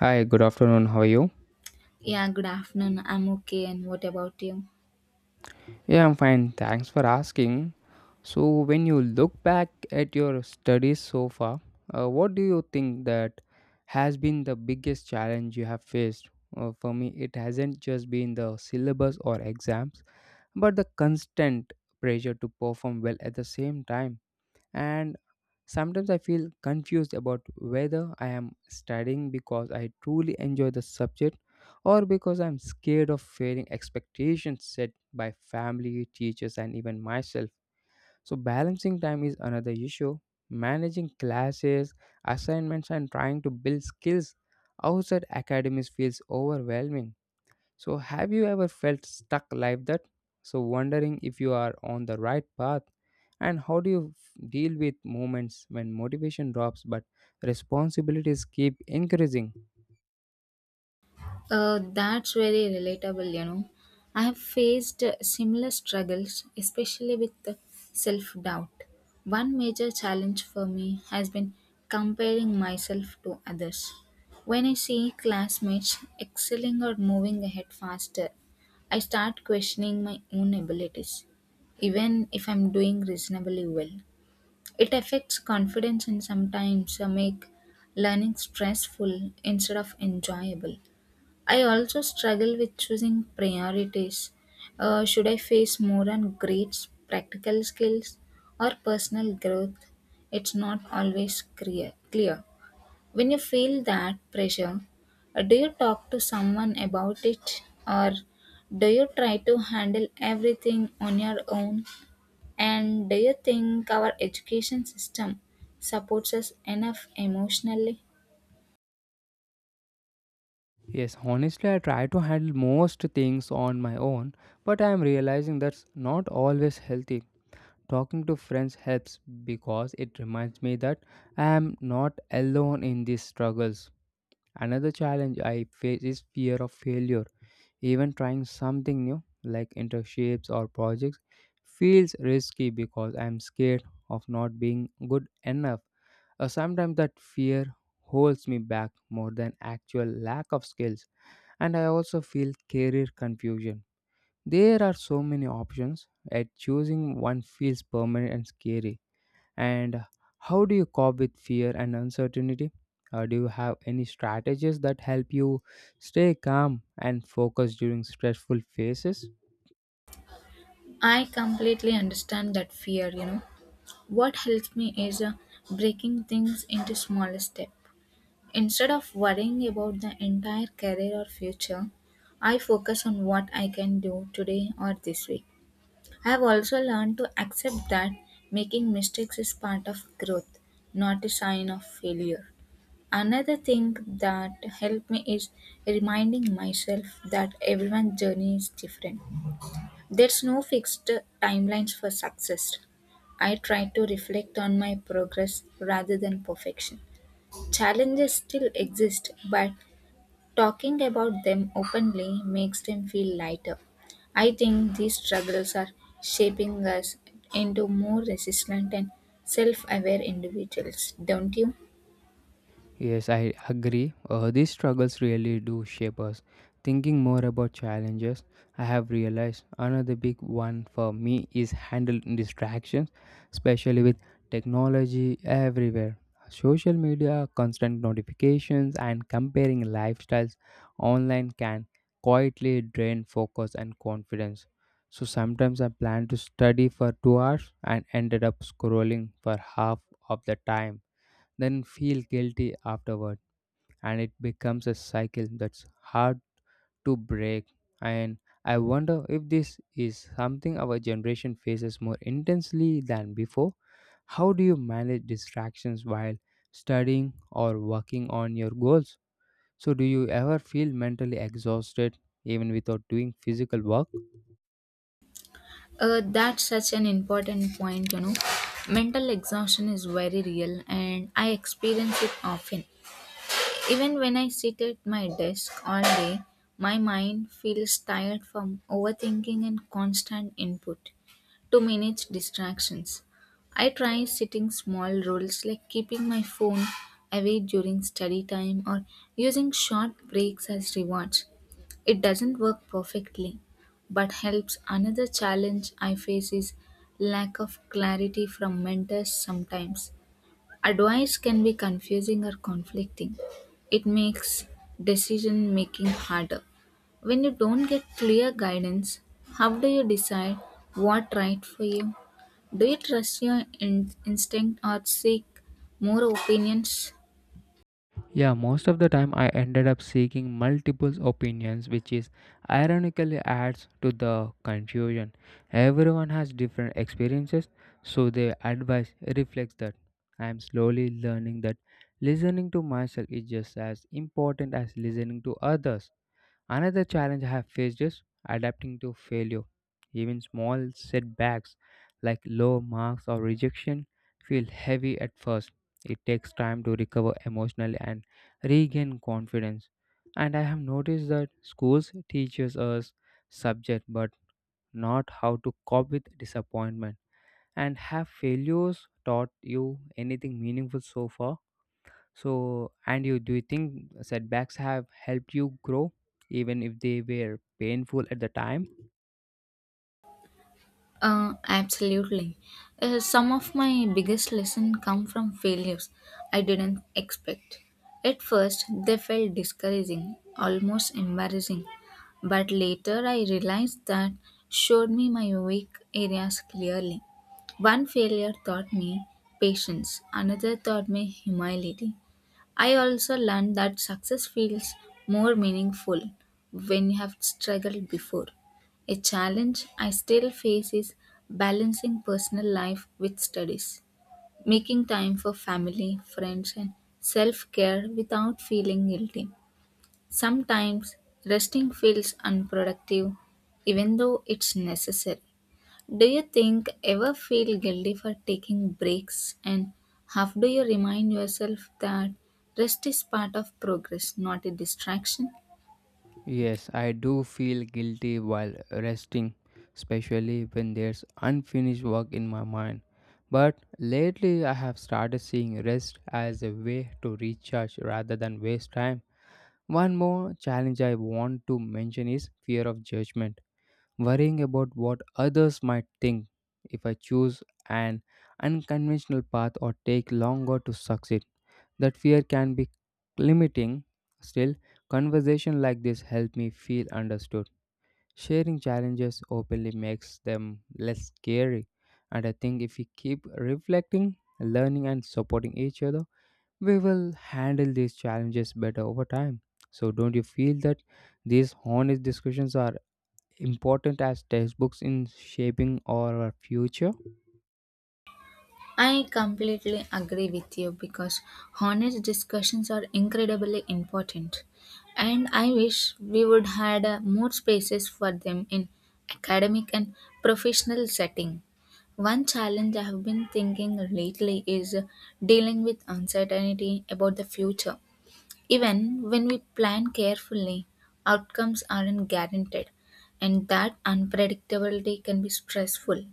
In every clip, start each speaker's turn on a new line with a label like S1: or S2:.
S1: Hi, good afternoon. How are you?
S2: Yeah, good afternoon. I'm okay. And what about you?
S1: Yeah, I'm fine. Thanks for asking. So, when you look back at your studies so far, what do you think that has been the biggest challenge you have faced? For me, it hasn't just been the syllabus or exams, but the constant pressure to perform well at the same time. And sometimes I feel confused about whether I am studying because I truly enjoy the subject or because I'm scared of failing expectations set by family, teachers, and even myself. So, balancing time is another issue. Managing classes, assignments, and trying to build skills outside academies feels overwhelming. So, have you ever felt stuck like that? So, wondering if you are on the right path, and how do you deal with moments when motivation drops but responsibilities keep increasing?
S2: That's very relatable, you know. I have faced similar struggles, especially with self doubt. One major challenge for me has been comparing myself to others. When I see classmates excelling or moving ahead faster, I start questioning my own abilities, even if I'm doing reasonably well. It affects confidence and sometimes make learning stressful instead of enjoyable. I also struggle with choosing priorities. Should I face more on grades, practical skills, or personal growth? It's not always clear. When you feel that pressure, do you talk to someone about it or do you try to handle everything on your own? And do you think our education system supports us enough emotionally?
S1: Yes, honestly, I try to handle most things on my own, but I am realizing that's not always healthy. Talking to friends helps because it reminds me that I am not alone in these struggles. Another challenge I face is fear of failure. Even trying something new, like internships or projects, feels risky because I'm scared of not being good enough. Sometimes that fear holds me back more than actual lack of skills. And I also feel career confusion. There are so many options, and choosing one feels permanent and scary. And how do you cope with fear and uncertainty? Do you have any strategies that help you stay calm and focused during stressful phases?
S2: I completely understand that fear, you know. What helps me is breaking things into smaller steps. Instead of worrying about the entire career or future, I focus on what I can do today or this week. I have also learned to accept that making mistakes is part of growth, not a sign of failure. Another thing that helped me is reminding myself that everyone's journey is different. There's no fixed timelines for success. I try to reflect on my progress rather than perfection. Challenges still exist, but talking about them openly makes them feel lighter. I think these struggles are shaping us into more resistant and self aware individuals, don't you?
S1: Yes, I agree. These struggles really do shape us. Thinking more about challenges, I have realized another big one for me is handling distractions, especially with technology everywhere. Social media, constant notifications, and comparing lifestyles online can quietly drain focus and confidence. So sometimes I plan to study for 2 hours and ended up scrolling for half of the time, then feel guilty afterward, and it becomes a cycle that's hard to break. And I wonder if this is something our generation faces more intensely than before. How do you manage distractions while studying or working on your goals? So, do you ever feel mentally exhausted even without doing physical work?
S2: That's such an important point, you know. Mental exhaustion is very real and I experience it often. Even when I sit at my desk all day, my mind feels tired from overthinking and constant input. To manage distractions, I try setting small rules like keeping my phone away during study time or using short breaks as rewards. It doesn't work perfectly, but helps. Another challenge I face is lack of clarity from mentors sometimes. Advice can be confusing or conflicting. It makes decision making harder. When you don't get clear guidance, how do you decide what right for you? Do you trust your instinct or seek more opinions?
S1: Yeah, most of the time I ended up seeking multiple opinions, which is ironically adds to the confusion. Everyone has different experiences, so their advice reflects that. I am slowly learning that listening to myself is just as important as listening to others. Another challenge I have faced is adapting to failure. Even small setbacks like low marks or rejection feel heavy at first. It takes time to recover emotionally and regain confidence. And I have noticed that schools teaches us subject but not how to cope with disappointment. And have failures taught you anything meaningful so far? So, and you do you think setbacks have helped you grow, even if they were painful at the time?
S2: Absolutely. Some of my biggest lessons come from failures I didn't expect. At first, they felt discouraging, almost embarrassing, but later I realized that showed me my weak areas clearly. One failure taught me patience, another taught me humility. I also learned that success feels more meaningful when you have struggled before. A challenge I still face is balancing personal life with studies, making time for family, friends, and self care without feeling guilty. Sometimes resting feels unproductive, even though it's necessary. Do you think ever feel guilty for taking breaks and how do you remind yourself that rest is part of progress, not a distraction?
S1: Yes, I do feel guilty while resting, especially when there's unfinished work in my mind. But lately, I have started seeing rest as a way to recharge rather than waste time. One more challenge I want to mention is fear of judgment, worrying about what others might think if I choose an unconventional path or take longer to succeed. That fear can be limiting. Still, conversation like this help me feel understood. Sharing challenges openly makes them less scary, and I think if we keep reflecting, learning, and supporting each other, we will handle these challenges better over time. So, don't you feel that these honest discussions are important as textbooks in shaping our future?
S2: I completely agree with you because honest discussions are incredibly important and I wish we would had more spaces for them in academic and professional setting. One challenge I have been thinking lately is dealing with uncertainty about the future. Even when we plan carefully, outcomes aren't guaranteed, and that unpredictability can be stressful.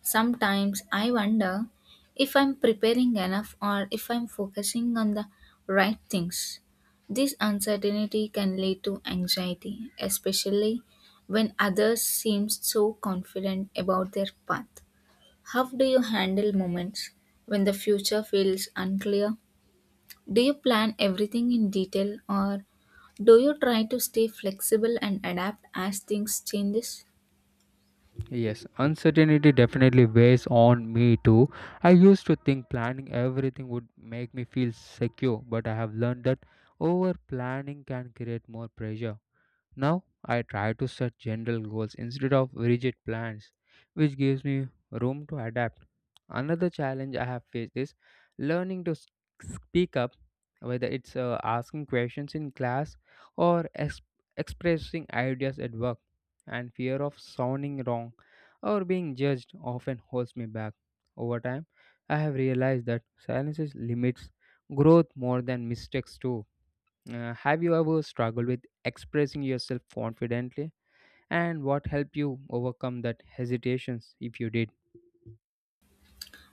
S2: Sometimes I wonder if I'm preparing enough or if I'm focusing on the right things. This uncertainty can lead to anxiety, especially when others seem so confident about their path. How do you handle moments when the future feels unclear? Do you plan everything in detail or do you try to stay flexible and adapt as things changes?
S1: Yes, uncertainty definitely weighs on me too. I used to think planning everything would make me feel secure, but I have learned that over planning can create more pressure. Now I try to set general goals instead of rigid plans, which gives me room to adapt. Another challenge I have faced is learning to speak up, whether it's asking questions in class or expressing ideas at work. And fear of sounding wrong or being judged often holds me back. Over time, I have realized that silence limits growth more than mistakes do. Have you ever struggled with expressing yourself confidently? And what helped you overcome that hesitations if you did?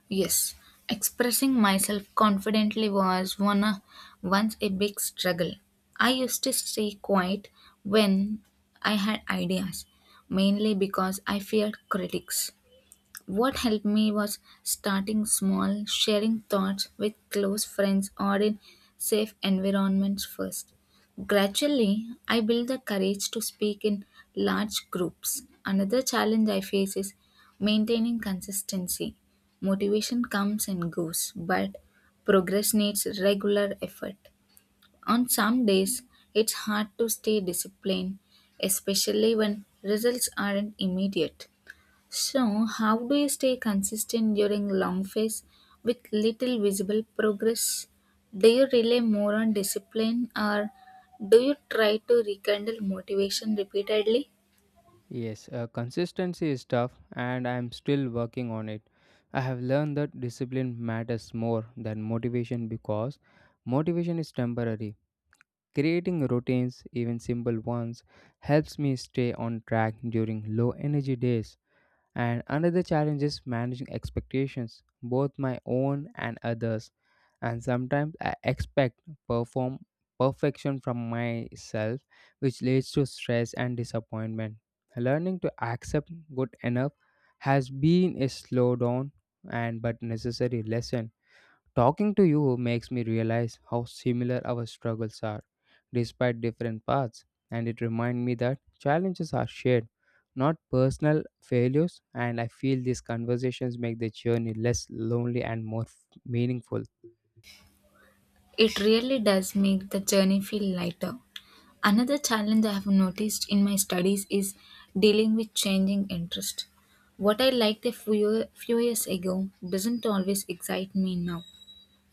S2: Yes, expressing myself confidently was one once a big struggle. I used to stay quiet when I had ideas, mainly because I feared critics. What helped me was starting small, sharing thoughts with close friends or in safe environments first. Gradually, I built the courage to speak in large groups. Another challenge I face is maintaining consistency. Motivation comes and goes, but progress needs regular effort. On some days, it's hard to stay disciplined, especially when results aren't immediate. So, how do you stay consistent during long phase with little visible progress? Do you rely more on discipline or do you try to rekindle motivation repeatedly?
S1: Yes, consistency is tough and I am still working on it. I have learned that discipline matters more than motivation because motivation is temporary. Creating routines, even simple ones, helps me stay on track during low energy days. And another challenge is managing expectations, both my own and others. And sometimes I expect perform perfection from myself, which leads to stress and disappointment. Learning to accept good enough has been a slow down and but necessary lesson. Talking to you makes me realize how similar our struggles are, despite different paths, and it reminds me that challenges are shared, not personal failures, and I feel these conversations make the journey less lonely and more meaningful.
S2: It really does make the journey feel lighter. Another challenge I have noticed in my studies is dealing with changing interest. What I liked a few years ago doesn't always excite me now,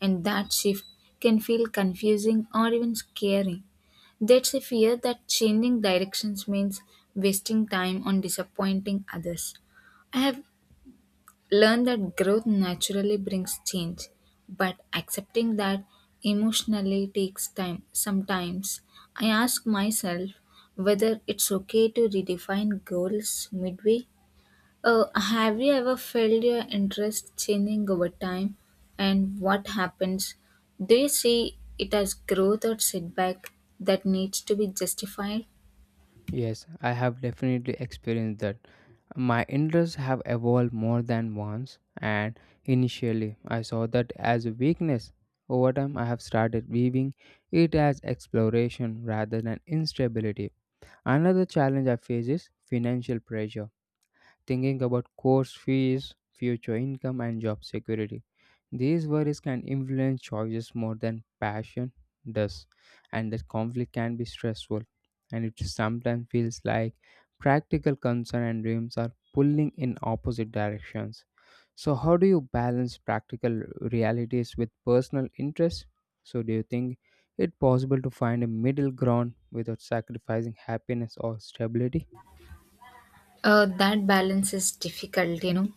S2: and that shift can feel confusing or even scary. That's a fear that changing directions means wasting time on disappointing others. I have learned that growth naturally brings change, but accepting that emotionally takes time. Sometimes I ask myself whether it's okay to redefine goals midway. Uh, have you ever felt your interest changing over time? And what happens? Do you see it as growth or setback that needs to be justified?
S1: Yes, I have definitely experienced that. My interests have evolved more than once, and initially I saw that as a weakness. Over time, I have started viewing it as exploration rather than instability. Another challenge I face is financial pressure, thinking about course fees, future income, and job security. These worries can influence choices more than passion does, and that conflict can be stressful. And it sometimes feels like practical concern and dreams are pulling in opposite directions. So, how do you balance practical realities with personal interests? So, do you think it possible to find a middle ground without sacrificing happiness or stability?
S2: That balance is difficult, you know.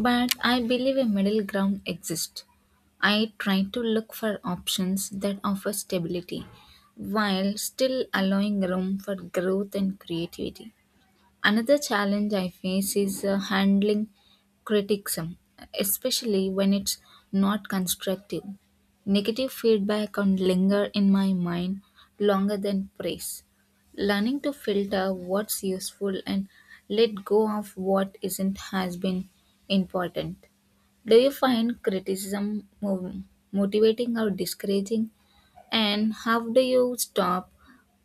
S2: But I believe a middle ground exists. I try to look for options that offer stability while still allowing room for growth and creativity. Another challenge I face is handling criticism, especially when it's not constructive. Negative feedback can linger in my mind longer than praise. Learning to filter what's useful and let go of what isn't has been important. Do you find criticism motivating or discouraging? And how do you stop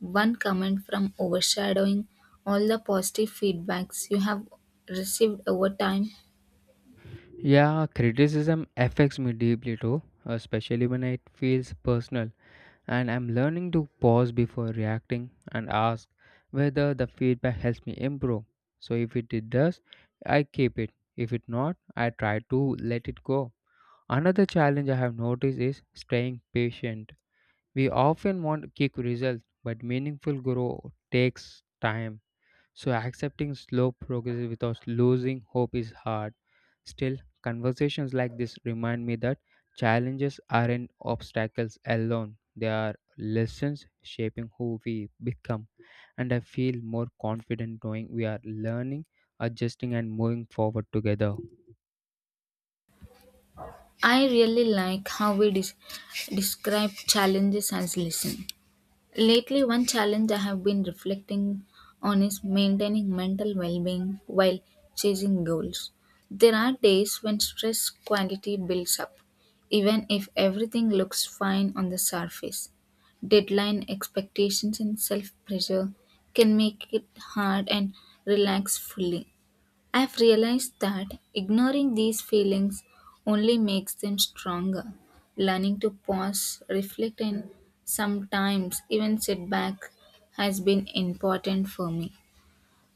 S2: one comment from overshadowing all the positive feedbacks you have received over time?
S1: Yeah, criticism affects me deeply too, especially when it feels personal. And I'm learning to pause before reacting and ask whether the feedback helps me improve. So if it does, I keep it. If it not, I try to let it go. Another challenge I have noticed is staying patient. We often want quick results, but meaningful growth takes time. So accepting slow progress without losing hope is hard. Still, conversations like this remind me that challenges aren't obstacles alone. They are lessons shaping who we become. And I feel more confident knowing we are learning, adjusting, and moving forward together.
S2: I really like how we describe challenges as listen. Lately, one challenge I have been reflecting on is maintaining mental well being while chasing goals. There are days when stress quantity builds up, even if everything looks fine on the surface. Deadline expectations and self pressure can make it hard and relax fully. I've realized that ignoring these feelings only makes them stronger. Learning to pause, reflect, and sometimes even sit back has been important for me.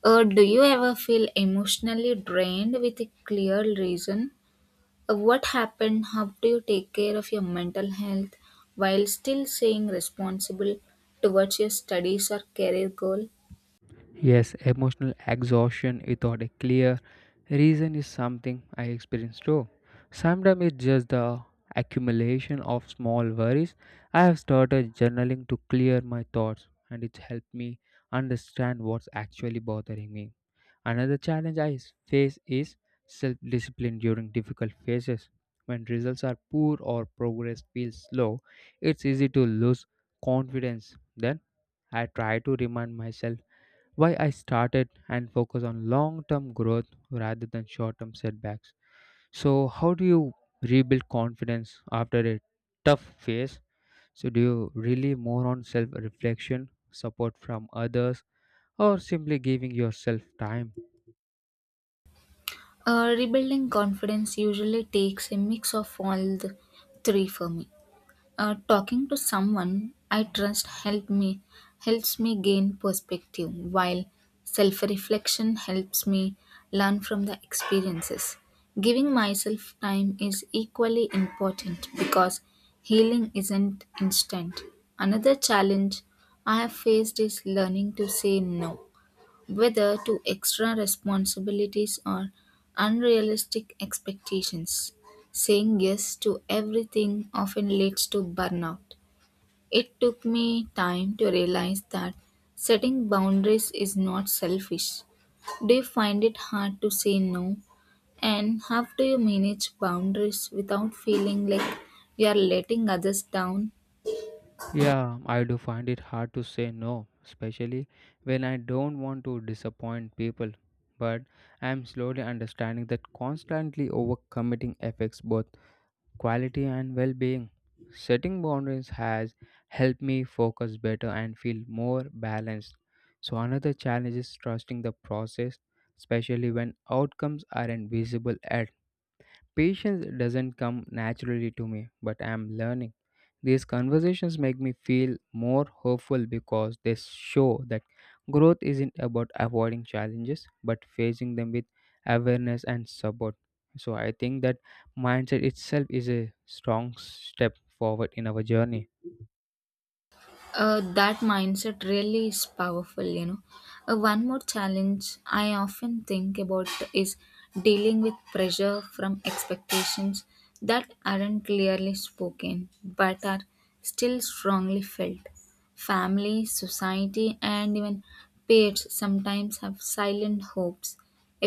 S2: Or do you ever feel emotionally drained with a clear reason? What happened? How do you take care of your mental health while still staying responsible towards your studies or career goal?
S1: Yes, emotional exhaustion without a clear reason is something I experience too. Sometimes it's just the accumulation of small worries. I have started journaling to clear my thoughts, and it's helped me understand what's actually bothering me. Another challenge I face is self discipline during difficult phases. When results are poor or progress feels slow, it's easy to lose confidence. Then I try to remind myself why I started and focus on long term growth rather than short term setbacks. So, how do you rebuild confidence after a tough phase? So, do you really more on self reflection, support from others, or simply giving yourself time?
S2: Rebuilding confidence usually takes a mix of all the three for me. Talking to someone I trust helps me gain perspective, while self-reflection helps me learn from the experiences. Giving myself time is equally important because healing isn't instant. Another challenge I have faced is learning to say no, whether to extra responsibilities or unrealistic expectations. Saying yes to everything often leads to burnout. It took me time to realize that setting boundaries is not selfish. Do you find it hard to say no? And how do you manage boundaries without feeling like you are letting others down?
S1: Yeah, I do find it hard to say no, especially when I don't want to disappoint people. But I am slowly understanding that constantly overcommitting affects both quality and well being. Setting boundaries has helped me focus better and feel more balanced. So, another challenge is trusting the process, especially when outcomes aren't visible at. Patience doesn't come naturally to me, but I am learning. These conversations make me feel more hopeful because they show that growth isn't about avoiding challenges but facing them with awareness and support. So I think that mindset itself is a strong step forward in our journey.
S2: That mindset really is powerful, you know. Uh, one more challenge I often think about is dealing with pressure from expectations that aren't clearly spoken but are still strongly felt. Family, society, and even peers sometimes have silent hopes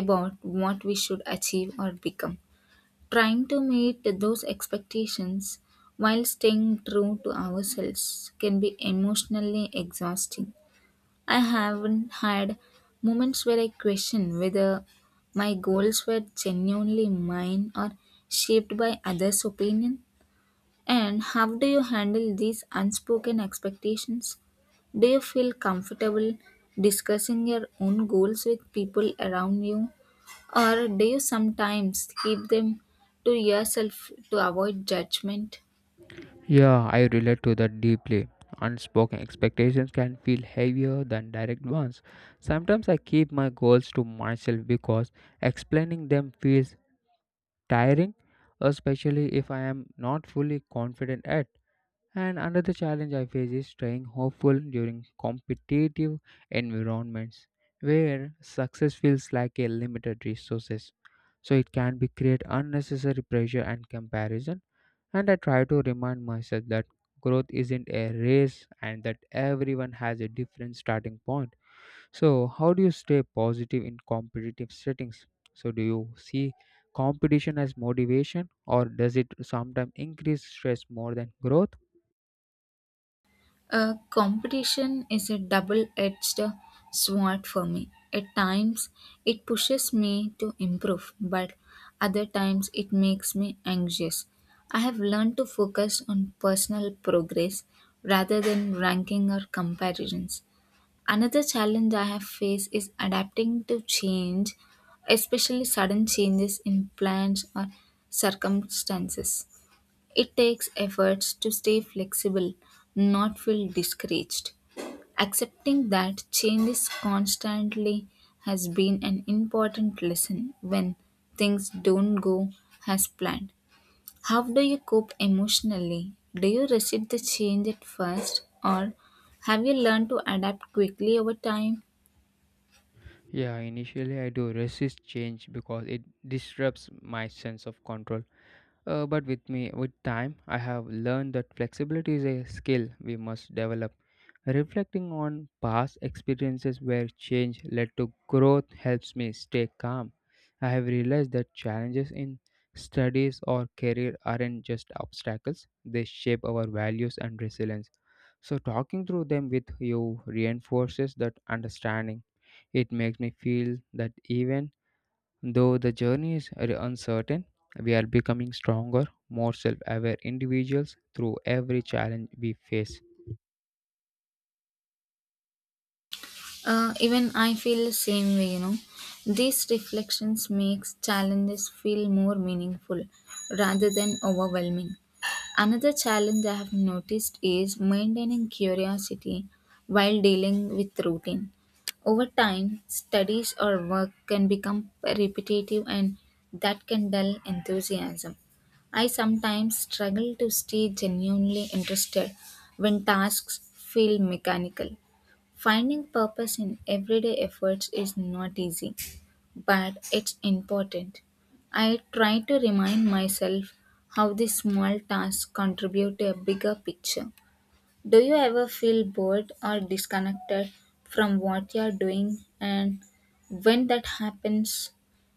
S2: about what we should achieve or become. Trying to meet those expectations while staying true to ourselves can be emotionally exhausting. I haven't had moments where I question whether my goals were genuinely mine or shaped by others' opinion. And how do you handle these unspoken expectations? Do you feel comfortable discussing your own goals with people around you or do you sometimes keep them to yourself to avoid judgment?
S1: Yeah, I relate to that deeply. Unspoken expectations can feel heavier than direct ones. Sometimes I keep my goals to myself because explaining them feels tiring, especially if I am not fully confident at. And another challenge I face is staying hopeful during competitive environments where success feels like a limited resources. So it can be create unnecessary pressure and comparison. And I try to remind myself that growth isn't a race and that everyone has a different starting point. So, how do you stay positive in competitive settings? So, do you see competition as motivation or does it sometimes increase stress more than growth?
S2: Competition is a double edged sword for me. At times, it pushes me to improve, but other times, it makes me anxious. I have learned to focus on personal progress rather than ranking or comparisons. Another challenge I have faced is adapting to change, especially sudden changes in plans or circumstances. It takes efforts to stay flexible, not feel discouraged. Accepting that change is constantly has been an important lesson when things don't go as planned. How do you cope emotionally? Do you resist the change at first or have you learned to adapt quickly over time?
S1: Yeah, initially I do resist change because it disrupts my sense of control. But with me, with time, I have learned that flexibility is a skill we must develop. Reflecting on past experiences where change led to growth helps me stay calm. I have realized that challenges in studies or career aren't just obstacles, they shape our values and resilience. So, talking through them with you reinforces that understanding. It makes me feel that even though the journey is very uncertain, we are becoming stronger, more self aware individuals through every challenge we face.
S2: Even I feel the same way, you know. These reflections makes challenges feel more meaningful rather than overwhelming. Another challenge I have noticed is maintaining curiosity while dealing with routine. Over time, studies or work can become repetitive and that can dull enthusiasm. I sometimes struggle to stay genuinely interested when tasks feel mechanical. Finding purpose in everyday efforts is not easy, but it's important. I try to remind myself how these small tasks contribute to a bigger picture. Do you ever feel bored or disconnected from what you are doing? And when that happens,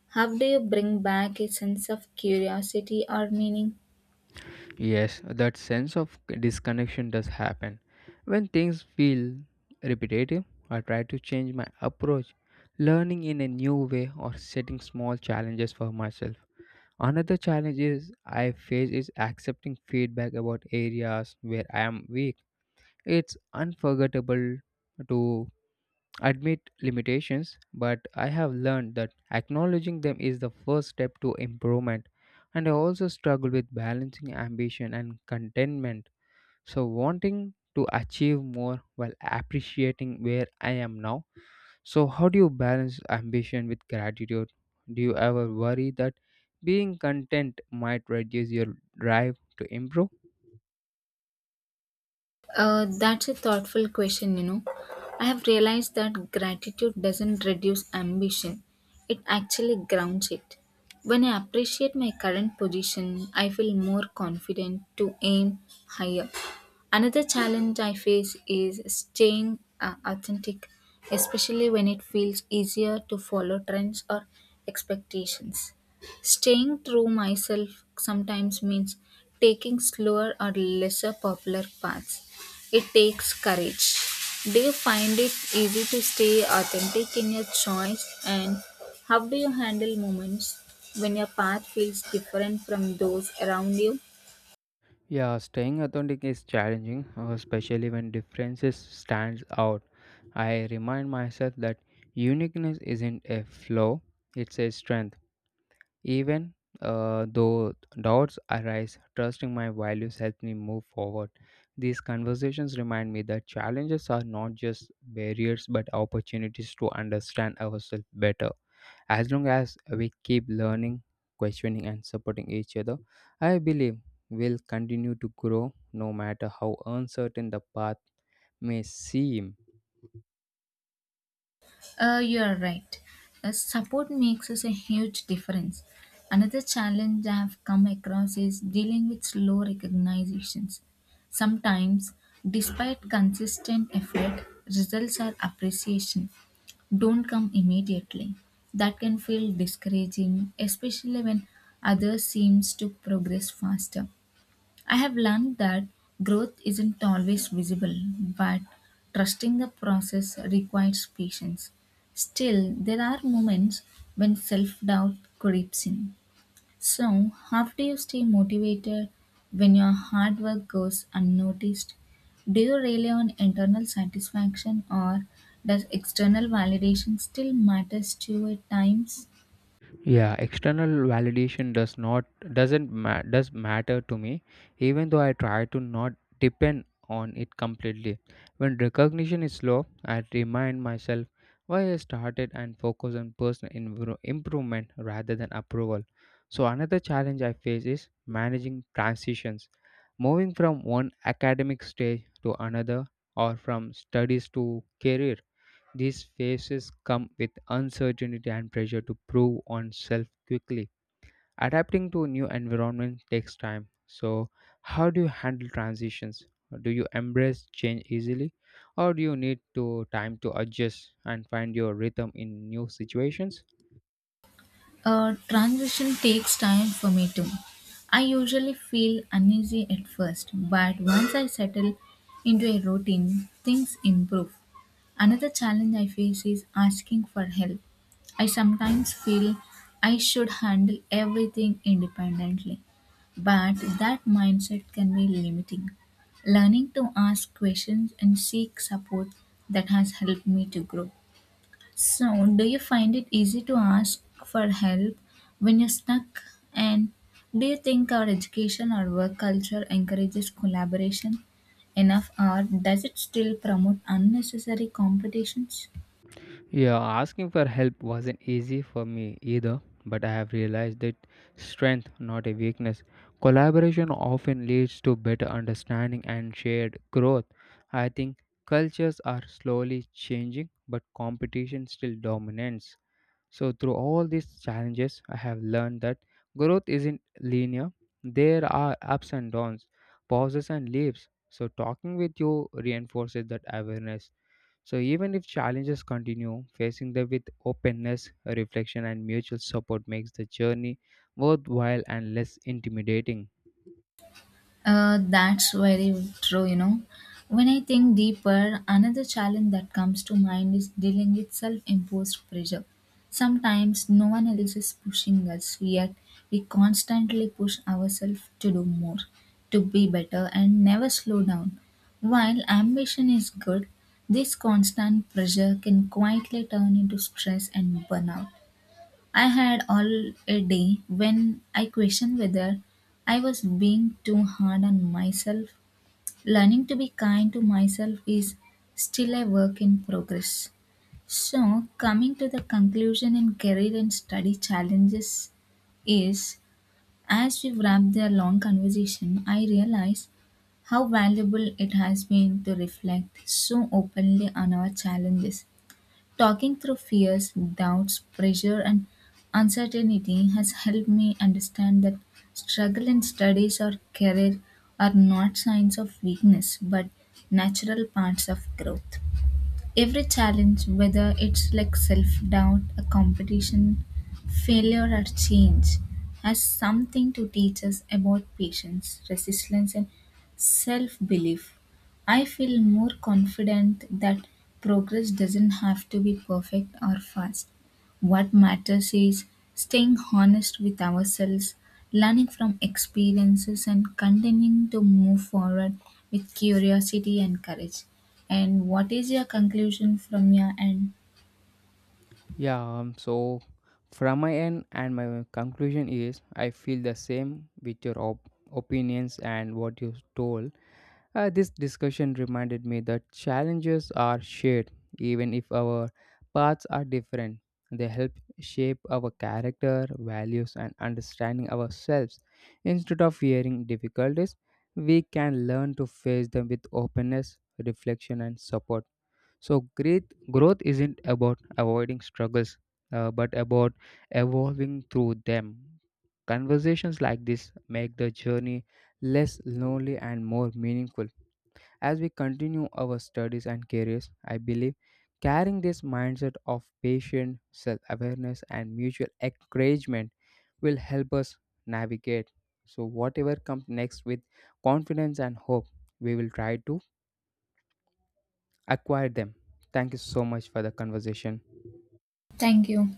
S2: how do you bring back a sense of curiosity or meaning?
S1: Yes, that sense of disconnection does happen. When things feel repetitive, I try to change my approach, learning in a new way or setting small challenges for myself. Another challenge is I face is accepting feedback about areas where I am weak. It's unforgettable to admit limitations, but I have learned that acknowledging them is the first step to improvement. And I also struggle with balancing ambition and contentment. So, wanting to achieve more while appreciating where I am now. So, how do you balance ambition with gratitude? Do you ever worry that being content might reduce your drive to improve?
S2: That's a thoughtful question, you know. I have realized that gratitude doesn't reduce ambition, it actually grounds it. When I appreciate my current position, I feel more confident to aim higher. Another challenge I face is staying authentic, especially when it feels easier to follow trends or expectations. Staying true myself sometimes means taking slower or lesser popular paths. It takes courage. Do you find it easy to stay authentic in your choice? And how do you handle moments when your path feels different from those around you?
S1: Yeah, staying authentic is challenging, especially when differences stands out. I remind myself that uniqueness isn't a flaw; it's a strength. Even though doubts arise, trusting my values helps me move forward. These conversations remind me that challenges are not just barriers but opportunities to understand ourselves better. As long as we keep learning, questioning, and supporting each other, I believe we'll continue to grow no matter how uncertain the path may seem.
S2: You are right. Support makes us a huge difference. Another challenge I have come across is dealing with slow recognitions. Sometimes, despite consistent effort, results are appreciation don't come immediately. That can feel discouraging, especially when others seems to progress faster. I have learned that growth isn't always visible, but trusting the process requires patience. Still, there are moments when self-doubt creeps in. So, how do you stay motivated when your hard work goes unnoticed? Do you rely on internal satisfaction or does external validation still matters to you at times?
S1: Yeah, external validation does not doesn't ma- does matter to me, even though I try to not depend on it completely. When recognition is slow, I remind myself why I started and focus on personal improvement rather than approval. So another challenge I face is managing transitions, moving from one academic stage to another or from studies to career. These phases come with uncertainty and pressure to prove oneself quickly. Adapting to new environment takes time. So, how do you handle transitions? Do you embrace change easily, or do you need to time to adjust and find your rhythm in new situations?
S2: Transition takes time for me too. I usually feel uneasy at first, but once I settle into a routine, things improve. Another challenge I face is asking for help. I sometimes feel I should handle everything independently, but that mindset can be limiting. Learning to ask questions and seek support that has helped me to grow. So, do you find it easy to ask for help when you're stuck? And do you think our education or work culture encourages collaboration enough, or does it still promote unnecessary competitions?
S1: Yeah, asking for help wasn't easy for me either, but I have realized that strength, not a weakness. Collaboration often leads to better understanding and shared growth. I think cultures are slowly changing, but competition still dominates. So, through all these challenges, I have learned that growth isn't linear, there are ups and downs, pauses and leaps. So, talking with you reinforces that awareness. So, even if challenges continue, facing them with openness, reflection, and mutual support makes the journey worthwhile and less intimidating.
S2: That's very true, you know. When I think deeper, another challenge that comes to mind is dealing with self imposed pressure. Sometimes no one else is pushing us, yet we constantly push ourselves to do more, to be better, and never slow down. While ambition is good, this constant pressure can quietly turn into stress and burnout. I had all a day when I questioned whether I was being too hard on myself. Learning to be kind to myself is still a work in progress. So, coming to the conclusion in career and study challenges is, as we wrap the long conversation, I realize how valuable it has been to reflect so openly on our challenges. Talking through fears, doubts, pressure, and uncertainty has helped me understand that struggle in studies or career are not signs of weakness but natural parts of growth. Every challenge, whether it's like self doubt, a competition, failure, or change, has something to teach us about patience, resilience, and self belief. I feel more confident that progress doesn't have to be perfect or fast. What matters is staying honest with ourselves, learning from experiences, and continuing to move forward with curiosity and courage. And what is your conclusion from your end?
S1: Yeah, so from my end and my conclusion is I feel the same with your opinions and what you told. This discussion reminded me that challenges are shared, even if our paths are different. They help shape our character, values, and understanding ourselves. Instead of fearing difficulties, we can learn to face them with openness, reflection, and support. So, great growth isn't about avoiding struggles, but about evolving through them. Conversations like this make the journey less lonely and more meaningful. As we continue our studies and careers, I believe carrying this mindset of patient self awareness and mutual encouragement will help us navigate. So, whatever comes next with confidence and hope, we will try to acquire them. Thank you so much for the conversation.
S2: Thank you.